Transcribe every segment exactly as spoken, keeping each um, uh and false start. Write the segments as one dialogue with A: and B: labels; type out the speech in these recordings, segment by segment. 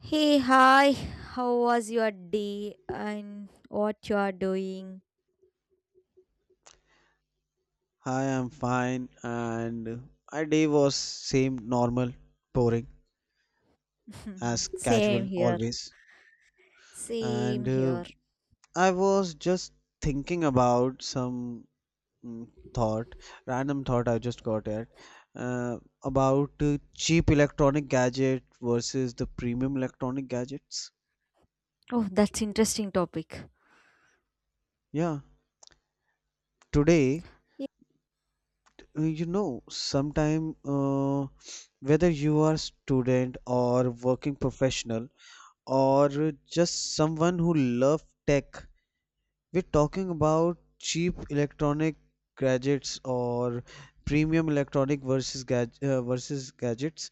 A: Hey, hi. How was your day and what you are doing?
B: Hi, I'm fine, and my day was same normal, boring as
A: Same
B: casual
A: here.
B: always.
A: Same
B: And uh,
A: here.
B: I was just thinking about some mm, thought, random thought I just got at uh, about uh, cheap electronic gadget versus the premium electronic gadgets.
A: Oh, that's interesting topic.
B: Yeah, today uh, you know sometime uh, whether you are student or working professional or just someone who loves tech. We're talking about cheap electronic gadgets or premium electronic versus gadg- uh, versus gadgets.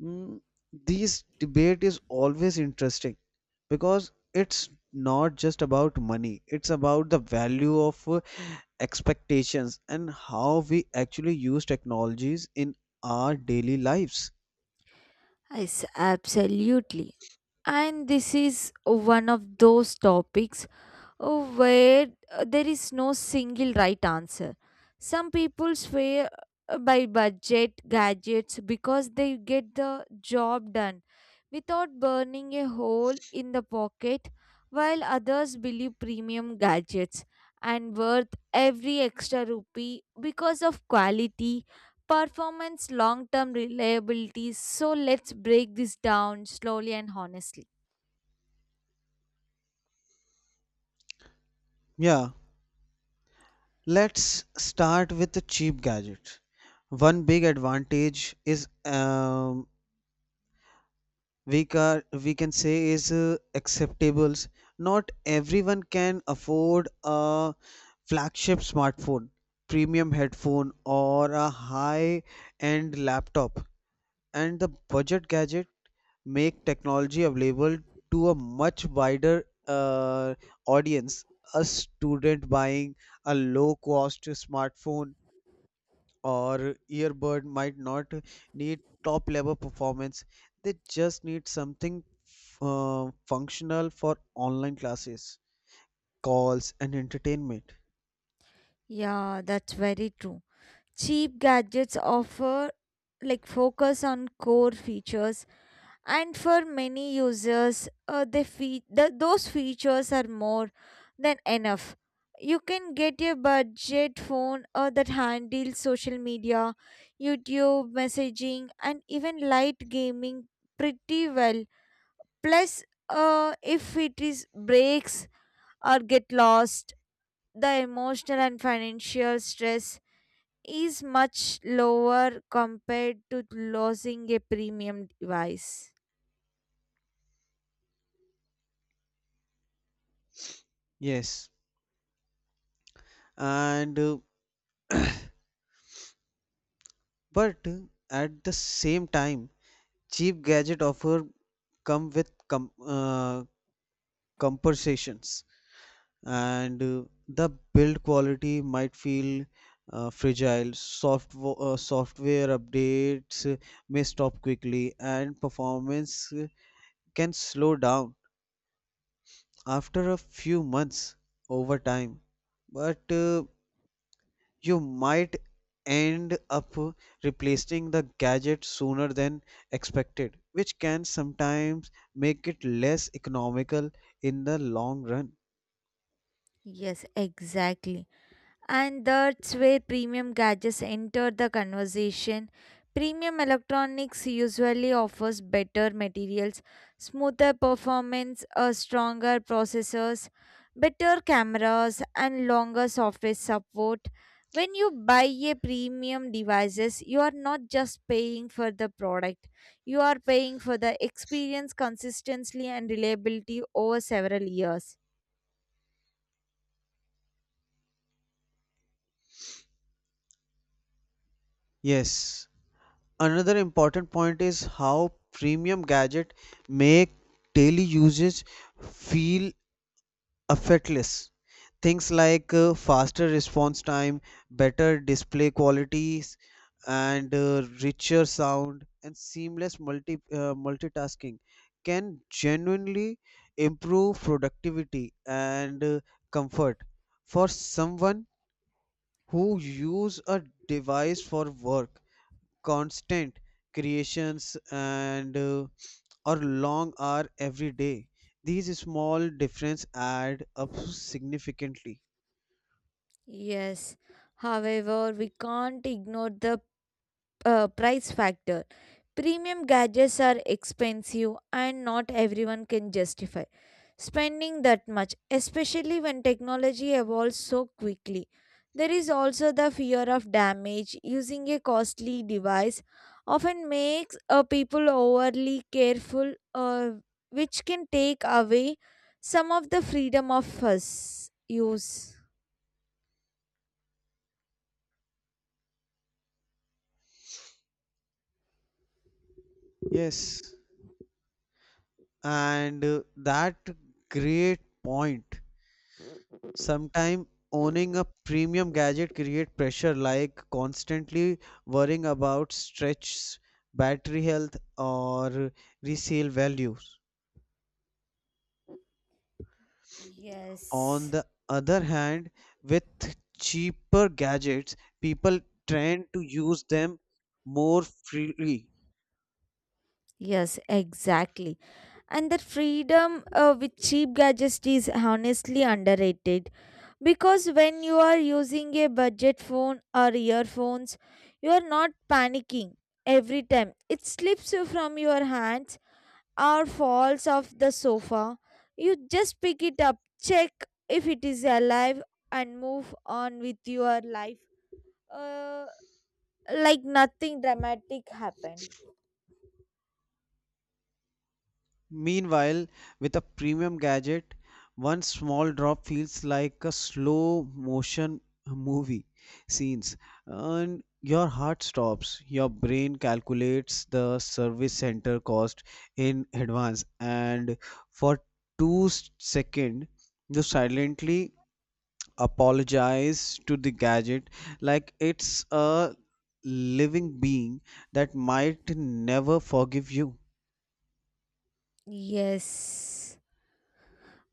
B: Mm, this debate is always interesting because it's not just about money, it's about the value of uh, expectations and how we actually use technologies in our daily lives.
A: Yes, absolutely. And this is one of those topics. Oh, where uh, there is no single right answer. Some people swear uh, by budget gadgets because they get the job done without burning a hole in the pocket, while others believe premium gadgets and worth every extra rupee because of quality, performance, long term reliability. So let's break this down slowly and honestly.
B: Yeah. Let's start with the cheap gadgets. One big advantage is um, we can we can say is uh, acceptables. Not everyone can afford a flagship smartphone, premium headphone, or a high-end laptop. And the budget gadget make technology available to a much wider uh, audience. A student buying a low-cost smartphone or earbud might not need top level performance, they just need something uh, functional for online classes, calls and entertainment.
A: Yeah, that's very true. Cheap gadgets offer like focus on core features, and for many users uh, they fe- the, those features are more than enough. You can get a budget phone uh, that handles social media, youtube, messaging and even light gaming pretty well. Plus, uh, if it is breaks or get lost, the emotional and financial stress is much lower compared to losing a premium device.
B: Yes, and uh, but at the same time cheap gadget offer come with com- uh, compensations and uh, the build quality might feel uh, fragile. Soft uh, software updates uh, may stop quickly, and performance uh, can slow down after a few months over time. But uh, you might end up replacing the gadget sooner than expected, which can sometimes make it less economical in the long run.
A: Yes, exactly. And that's where premium gadgets enter the conversation. Premium electronics usually offers better materials, smoother performance, a stronger processors, better cameras and longer software support. When you buy a premium devices, you are not just paying for the product. You are paying for the experience, consistency and reliability over several years.
B: Yes, another important point is how premium gadget make daily usage feel effortless. Things like uh, faster response time, better display qualities, and uh, richer sound and seamless multi uh, multitasking can genuinely improve productivity and uh, comfort for someone who use a device for work, constant creations, and uh, or long hour every day, these small difference add up significantly.
A: Yes, however, we can't ignore the uh, price factor. Premium gadgets are expensive and not everyone can justify spending that much, especially when technology evolves so quickly. There is also the fear of damage. Using a costly device often makes uh, people overly careful, uh, which can take away some of the freedom of us use.
B: Yes and uh, That great point. Sometimes owning a premium gadget create pressure, like constantly worrying about stretch, battery health, or resale values. On
A: Yes.
B: the other hand, with cheaper gadgets, people tend to use them more freely.
A: Yes, exactly. And that freedom uh, with cheap gadgets is honestly underrated, because when you are using a budget phone or earphones, you are not panicking every time. It slips you from your hands or falls off the sofa. You just pick it up, check if it is alive, and move on with your life uh, like nothing dramatic happened.
B: Meanwhile, with a premium gadget, one small drop feels like a slow motion movie scenes, and your heart stops, your brain calculates the service center cost in advance, and for two seconds you silently apologize to the gadget like it's a living being that might never forgive you.
A: Yes.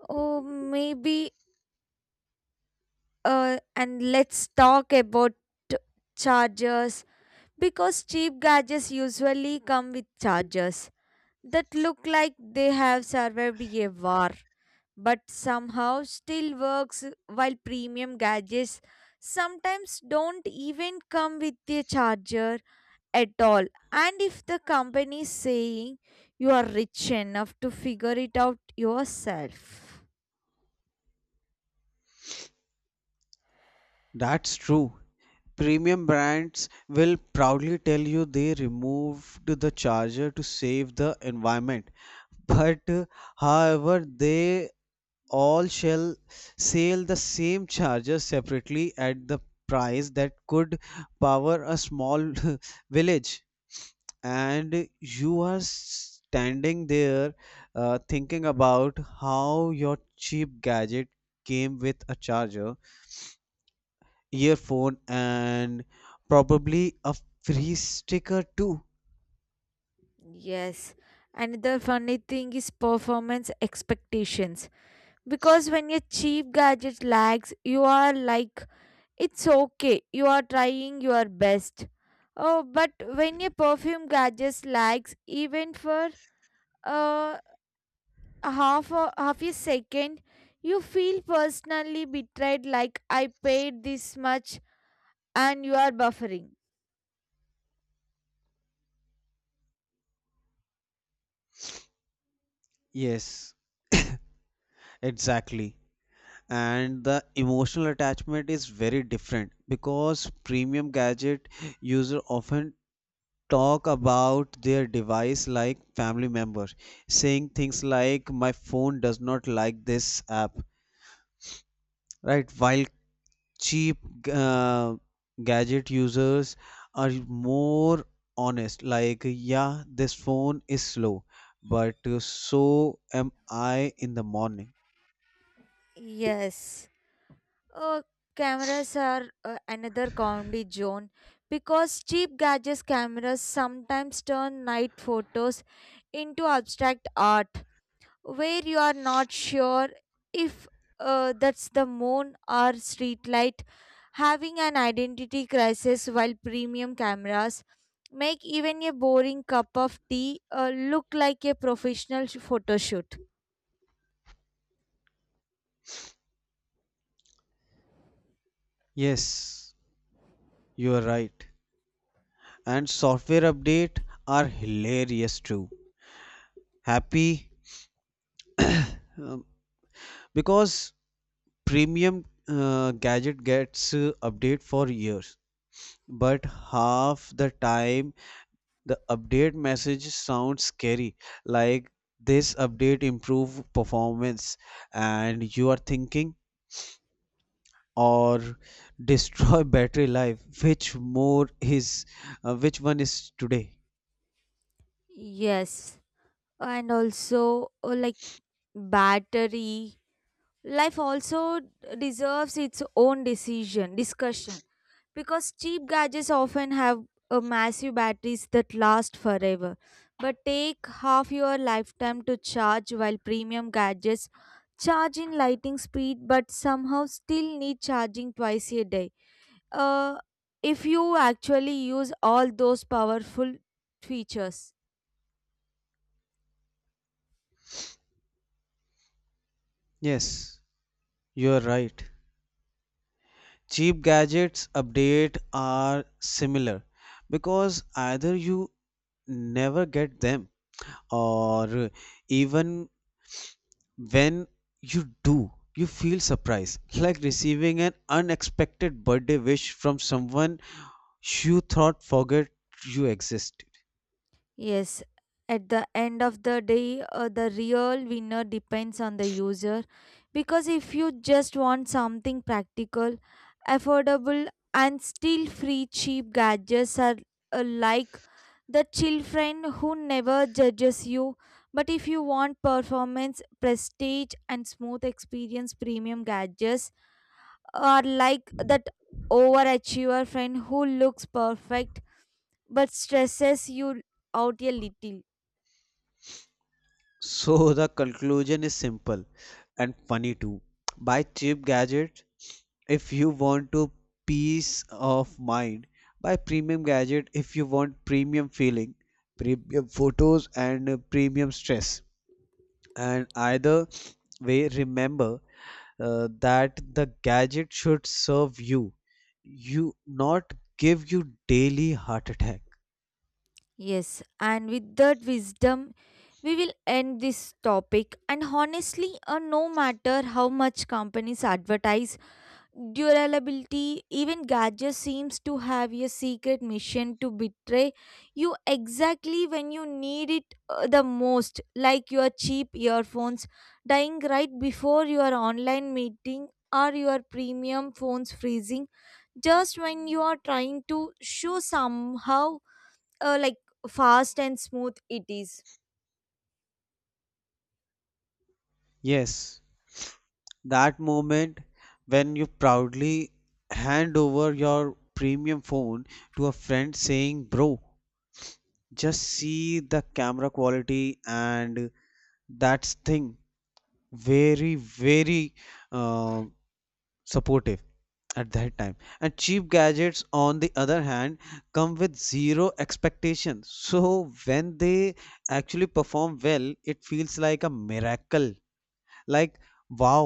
A: Oh, maybe uh, and let's talk about chargers, because cheap gadgets usually come with chargers that look like they have survived a war but somehow still works, while premium gadgets sometimes don't even come with a charger at all. And if the company is saying, you are rich enough to figure it out yourself.
B: That's true. Premium brands will proudly tell you they removed the charger to save the environment. But uh, however, they all shall sell the same charger separately at the price that could power a small village. And you are standing there uh, thinking about how your cheap gadget came with a charger, earphone, and probably a free sticker too.
A: Yes. Another funny thing is performance expectations. Because when your cheap gadget lags, you are like, it's okay, you are trying your best. Oh, but when your perfume gadget lags, even for uh, half a, half a second, you feel personally betrayed, like I paid this much and you are buffering.
B: Yes, exactly. And the emotional attachment is very different because premium gadget user often talk about their device like family member, saying things like my phone does not like this app, right, while cheap uh, gadget users are more honest, like yeah, this phone is slow but uh, so am I in the morning.
A: Yes. Uh, Cameras are uh, another comedy zone, because cheap gadgets cameras sometimes turn night photos into abstract art where you are not sure if uh, that's the moon or street light having an identity crisis, while premium cameras make even a boring cup of tea uh, look like a professional sh- photo shoot.
B: Yes, you are right. And software update are hilarious too, happy. um, because premium uh, gadget gets uh, update for years, but half the time the update message sounds scary, like this update improve performance, and you are thinking or destroy battery life. Which more is, uh, which one is today?
A: Yes, and also uh, like battery life also deserves its own decision discussion, because cheap gadgets often have a massive batteries that last forever but take half your lifetime to charge, while premium gadgets charge in lightning speed but somehow still need charging twice a day uh, if you actually use all those powerful features.
B: Yes, you are right. Cheap gadgets update are similar because either you never get them, or even when you do, you feel surprised, like receiving an unexpected birthday wish from someone you thought forgot you existed.
A: Yes, at the end of the day, uh, the real winner depends on the user, because if you just want something practical, affordable, and still free, cheap gadgets are uh, like the chill friend who never judges you. But if you want performance, prestige, and smooth experience, premium gadgets are like that overachiever friend who looks perfect but stresses you out a little.
B: So the conclusion is simple and funny too. Buy cheap gadget if you want to peace of mind. Buy premium gadget if you want premium feeling, premium photos, and uh, premium stress. And either way, remember uh, that the gadget should serve you, you not give you daily heart attack.
A: Yes, and with that wisdom, we will end this topic. And honestly, uh, no matter how much companies advertise, durability, even gadgets seems to have a secret mission to betray you exactly when you need it uh, the most, like your cheap earphones dying right before your online meeting, or your premium phones freezing just when you are trying to show somehow uh, like fast and smooth it is.
B: Yes, that moment when you proudly hand over your premium phone to a friend, saying, "Bro, just see the camera quality," and that's thing. Very, very uh, supportive at that time. And cheap gadgets on the other hand come with zero expectation, so when they actually perform well it feels like a miracle, like wow,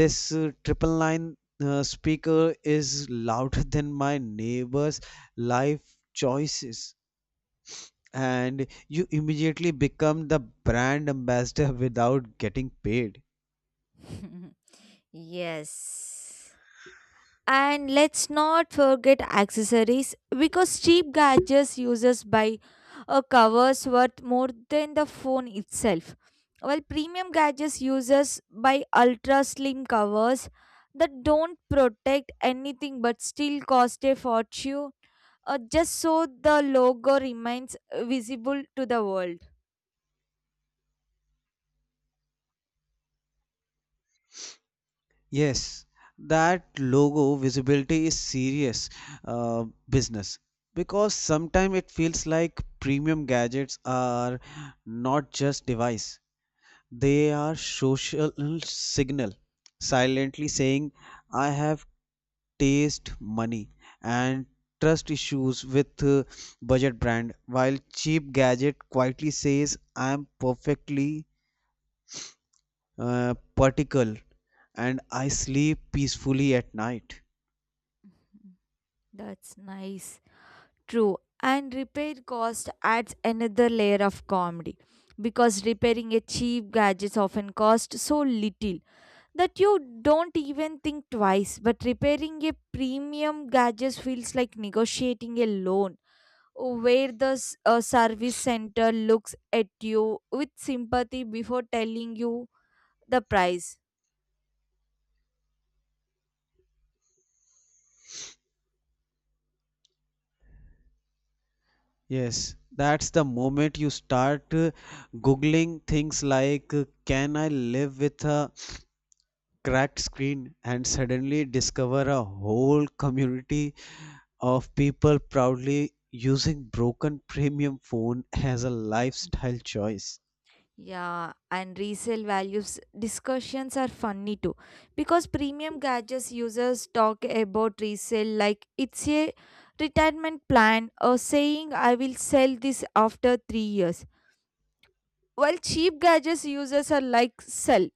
B: this uh, triple line uh, speaker is louder than my neighbor's life choices, and you immediately become the brand ambassador without getting paid.
A: Yes. And let's not forget accessories, because cheap gadgets users buy a covers worth more than the phone itself. While premium gadgets users buy ultra slim covers that don't protect anything but still cost a fortune, uh, just so the logo remains visible to the world.
B: Yes, that logo visibility is serious uh, business because sometimes it feels like premium gadgets are not just device. They are social signal, silently saying I have taste, money, and trust issues with uh, budget brand, while cheap gadget quietly says I am perfectly uh, particle and I sleep peacefully at night.
A: That's nice. True, and repair cost adds another layer of comedy, because repairing a cheap gadget often costs so little that you don't even think twice. But repairing a premium gadget feels like negotiating a loan where the s- uh, service center looks at you with sympathy before telling you the price.
B: Yes, that's the moment you start uh, googling things like uh, can I live with a cracked screen, and suddenly discover a whole community of people proudly using broken premium phone as a lifestyle choice.
A: Yeah, and resale values discussions are funny too, because premium gadgets users talk about resale like it's a retirement plan, or saying I will sell this after three years. While cheap gadgets users are like sell,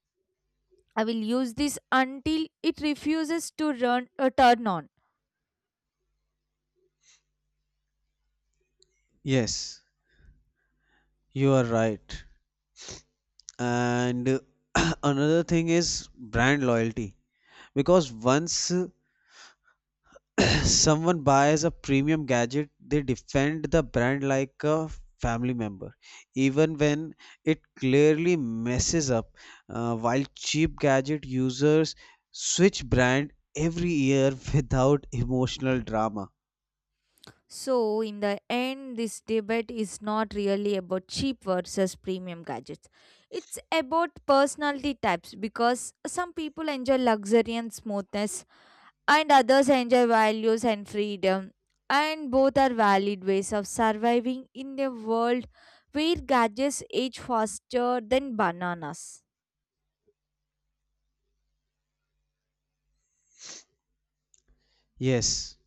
A: I will use this until it refuses to run a turn on.
B: Yes, you are right. And another thing is brand loyalty because once uh, someone buys a premium gadget, they defend the brand like a family member, even when it clearly messes up. Uh, while cheap gadget users switch brand every year without emotional drama.
A: So, in the end, this debate is not really about cheap versus premium gadgets. It's about personality types, because some people enjoy luxury and smoothness, and others enjoy values and freedom. And both are valid ways of surviving in a world where gadgets age faster than bananas.
B: Yes.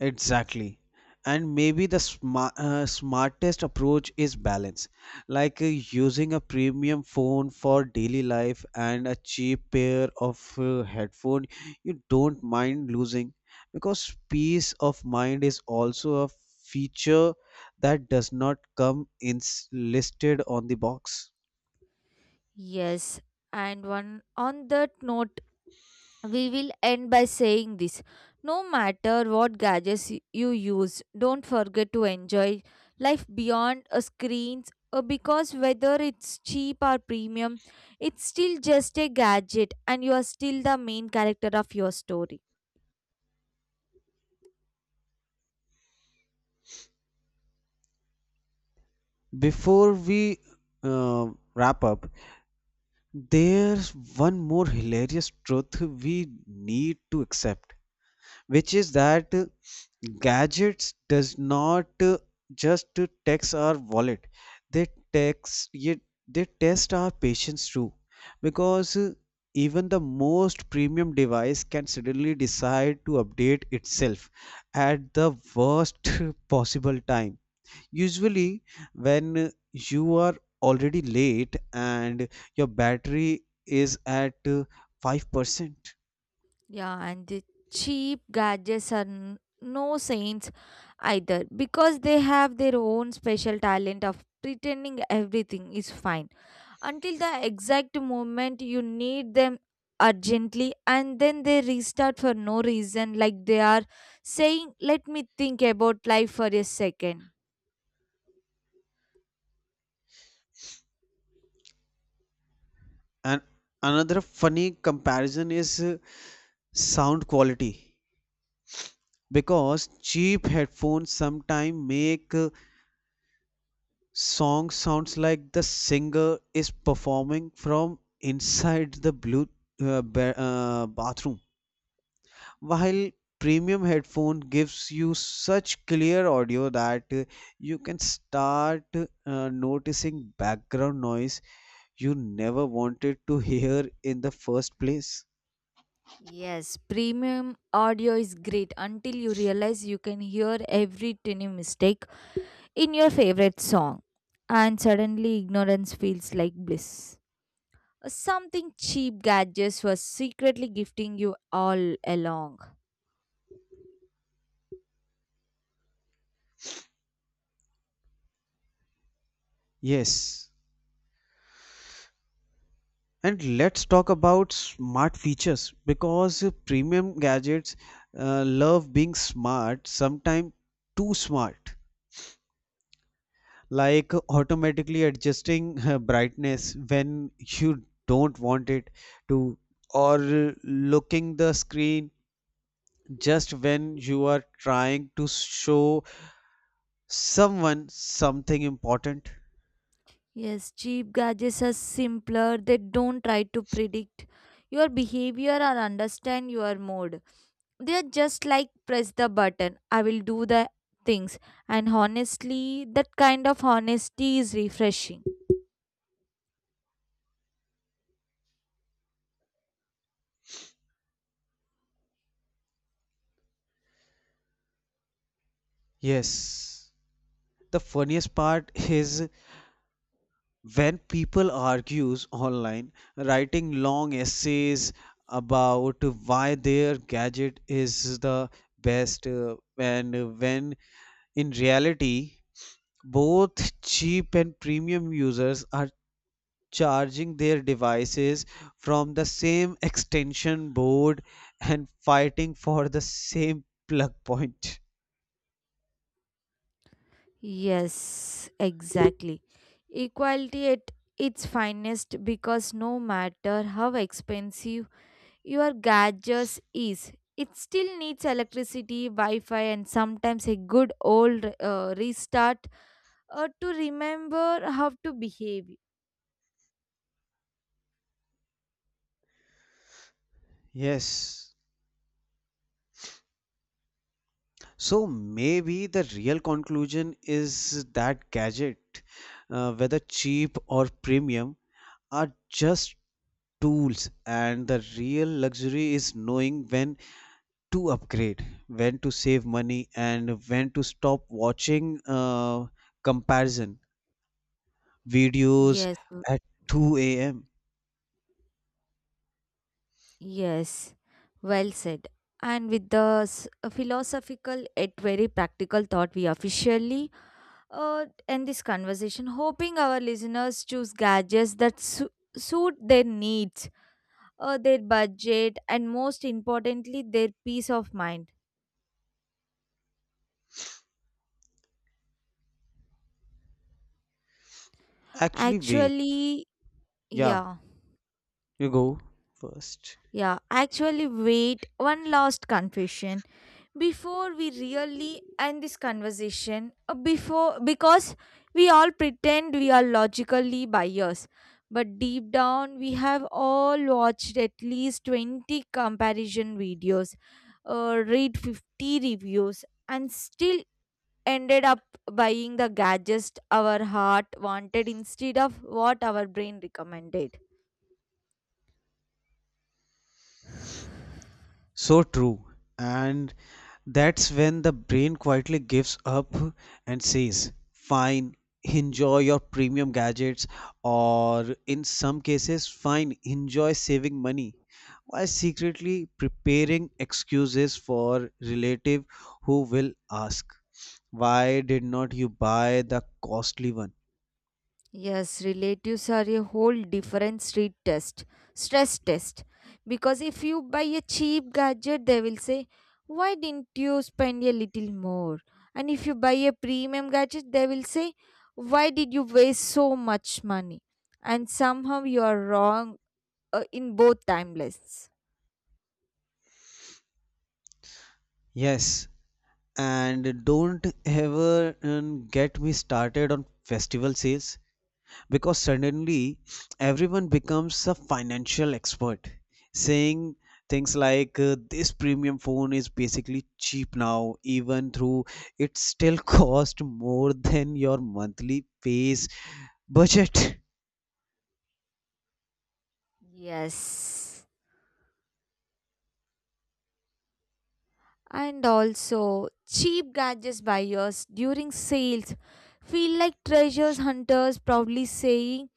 B: Exactly. And maybe the sma uh, smartest approach is balance, like uh, using a premium phone for daily life and a cheap pair of uh, headphone you don't mind losing, because peace of mind is also a feature that does not come in listed on the box.
A: Yes, and one on that note, we will end by saying this. No matter what gadgets y- you use, don't forget to enjoy life beyond a screens uh, because whether it's cheap or premium, it's still just a gadget and you are still the main character of your story.
B: Before we uh, wrap up, there's one more hilarious truth we need to accept, which is that uh, gadgets does not uh, just to text our wallet, they text yet they test our patience too, because uh, even the most premium device can suddenly decide to update itself at the worst possible time, usually when uh, you are already late and your battery is at uh, five percent.
A: Yeah, and the cheap gadgets are n- no saints either, because they have their own special talent of pretending everything is fine, until the exact moment you need them urgently, and then they restart for no reason like they are saying let me think about life for a second.
B: And another funny comparison is uh, sound quality, because cheap headphones sometimes make uh, song sounds like the singer is performing from inside the blue uh, ba- uh, bathroom, while premium headphone gives you such clear audio that uh, you can start uh, noticing background noise you never wanted to hear in the first place.
A: Yes, premium audio is great until you realize you can hear every tiny mistake in your favorite song, and suddenly ignorance feels like bliss, something cheap gadgets were secretly gifting you all along.
B: Yes. And let's talk about smart features, because premium gadgets uh, love being smart, sometimes too smart, like automatically adjusting uh, brightness when you don't want it to, or uh, looking the screen just when you are trying to show someone something important.
A: Yes, cheap gadgets are simpler. They don't try to predict your behavior or understand your mood. They are just like press the button, I will do the things. And honestly, that kind of honesty is refreshing.
B: Yes. The funniest part is when people argues online, writing long essays about why their gadget is the best, uh, and when in reality both cheap and premium users are charging their devices from the same extension board and fighting for the same plug point.
A: Yes, exactly. Equality at its finest, because no matter how expensive your gadgets is, it still needs electricity, Wi Fi, and sometimes a good old uh, restart uh, to remember how to behave.
B: Yes. So maybe the real conclusion is that gadget, uh, whether cheap or premium, are just tools, and the real luxury is knowing when to upgrade, when to save money, and when to stop watching uh, comparison videos
A: Yes, w-
B: at two a m.
A: yes, well said. And with the s- uh, philosophical yet very practical thought, we officially uh, end this conversation, hoping our listeners choose gadgets that su- suit their needs, uh, their budget, and most importantly, their peace of mind.
B: Actually, wait,
A: Actually,
B: yeah,
A: yeah,
B: you go first.
A: yeah, actually, wait, one last confession. Before we really end this conversation uh, before, because we all pretend we are logically biased, but deep down we have all watched at least twenty comparison videos, uh, read fifty reviews and still ended up buying the gadgets our heart wanted instead of what our brain recommended.
B: So true. And that's when the brain quietly gives up and says, fine, enjoy your premium gadgets, or in some cases, fine, enjoy saving money, while secretly preparing excuses for relative who will ask, why did not you buy the costly one?
A: Yes, relatives are a whole different street test, stress test. Because if you buy a cheap gadget, they will say, why didn't you spend a little more? And if you buy a premium gadget, they will say, why did you waste so much money? And somehow you are wrong uh, in both timelines.
B: Yes, and don't ever um, get me started on festival sales, because suddenly everyone becomes a financial expert saying things like uh, this premium phone is basically cheap now, even though it still cost more than your monthly pays budget.
A: Yes. And also, cheap gadgets buyers during sales feel like treasures hunters proudly saying,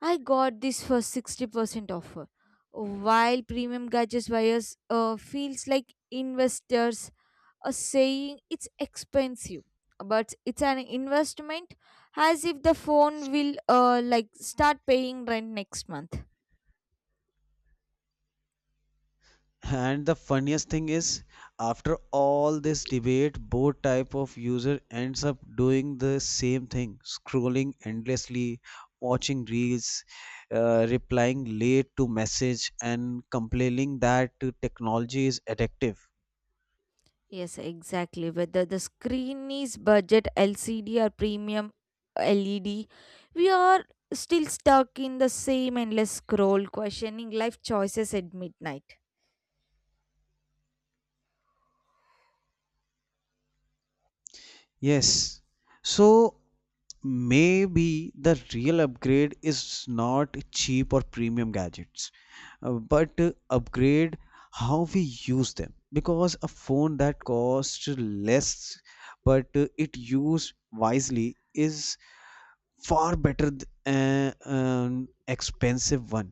A: I got this for sixty percent offer. While premium gadgets buyers uh, feels like investors are saying it's expensive, but it's an investment, as if the phone will uh, like start paying rent next month.
B: And the funniest thing is, after all this debate, both type of user ends up doing the same thing, scrolling endlessly, watching reels, uh, replying late to message, and complaining that uh, technology is addictive.
A: Yes, exactly. Whether the screen is budget L C D or premium L E D, we are still stuck in the same endless scroll, questioning life choices at midnight.
B: Yes. So maybe the real upgrade is not cheap or premium gadgets, uh, but uh, upgrade how we use them, because a phone that costs less but uh, it used wisely is far better than an expensive one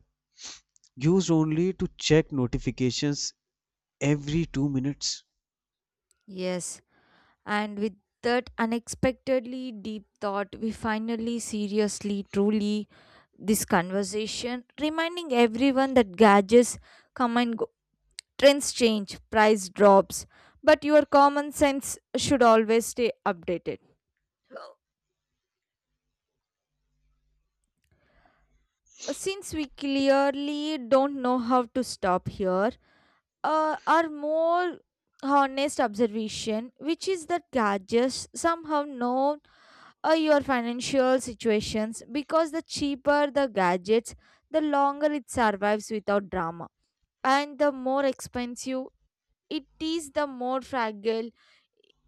B: used only to check notifications every two minutes.
A: Yes, and with that unexpectedly deep thought, we finally, seriously, truly this conversation, reminding everyone that gadgets come and go, trends change, price drops, but your common sense should always stay updated. Since we clearly don't know how to stop here, uh, our more honest observation, which is that gadgets somehow know uh, your financial situations, because the cheaper the gadgets, the longer it survives without drama, and the more expensive it is, the more fragile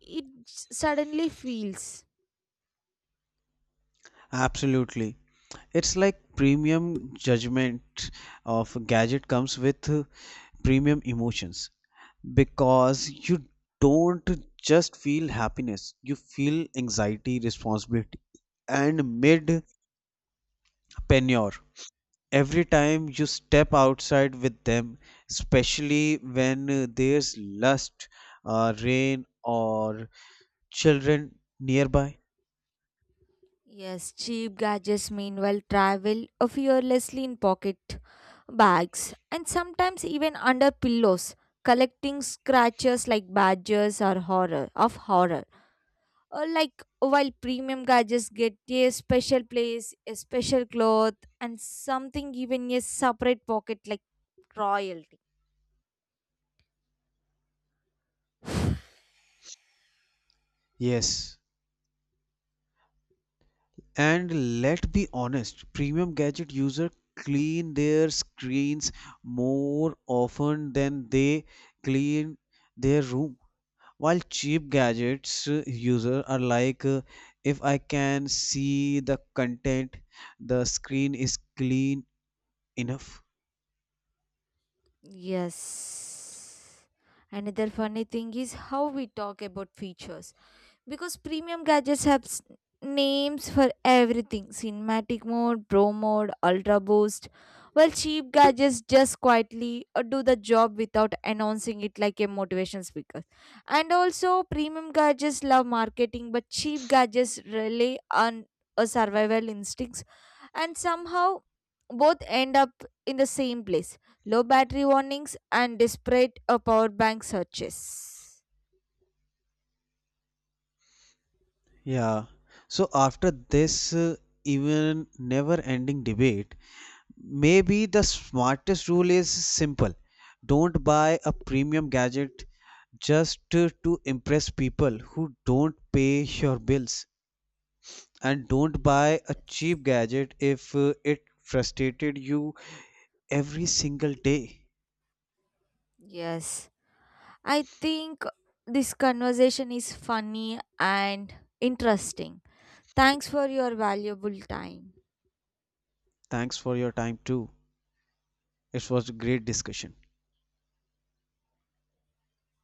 A: it suddenly feels.
B: Absolutely. It's like premium judgment of gadget comes with uh, premium emotions, because you don't just feel happiness, you feel anxiety, responsibility, and mid penure every time you step outside with them, especially when uh, there's lust, uh, rain, or children nearby.
A: Yes, cheap gadgets meanwhile travel fearlessly in pocket bags and sometimes even under pillows, collecting scratches like badgers or horror of horror. Or like while premium gadgets get a special place, a special cloth, and something even a separate pocket like royalty.
B: Yes. And let's be honest, premium gadget users clean their screens more often than they clean their room, while cheap gadgets uh, user are like, uh, if I can see the content, the screen is clean enough.
A: Yes. Another funny thing is how we talk about features, because premium gadgets have s- names for everything, cinematic mode, pro mode, ultra boost, while cheap gadgets just quietly uh, do the job without announcing it like a motivation speaker. And also premium gadgets love marketing, but cheap gadgets rely on a survival instincts, and somehow both end up in the same place, low battery warnings and desperate uh, power bank searches.
B: Yeah. So after this uh, even never-ending debate, maybe the smartest rule is simple. Don't buy a premium gadget just to, to impress people who don't pay your bills, and don't buy a cheap gadget if uh, it frustrated you every single day.
A: Yes, I think this conversation is funny and interesting. Thanks for your valuable time.
B: Thanks for your time too. It was a great discussion.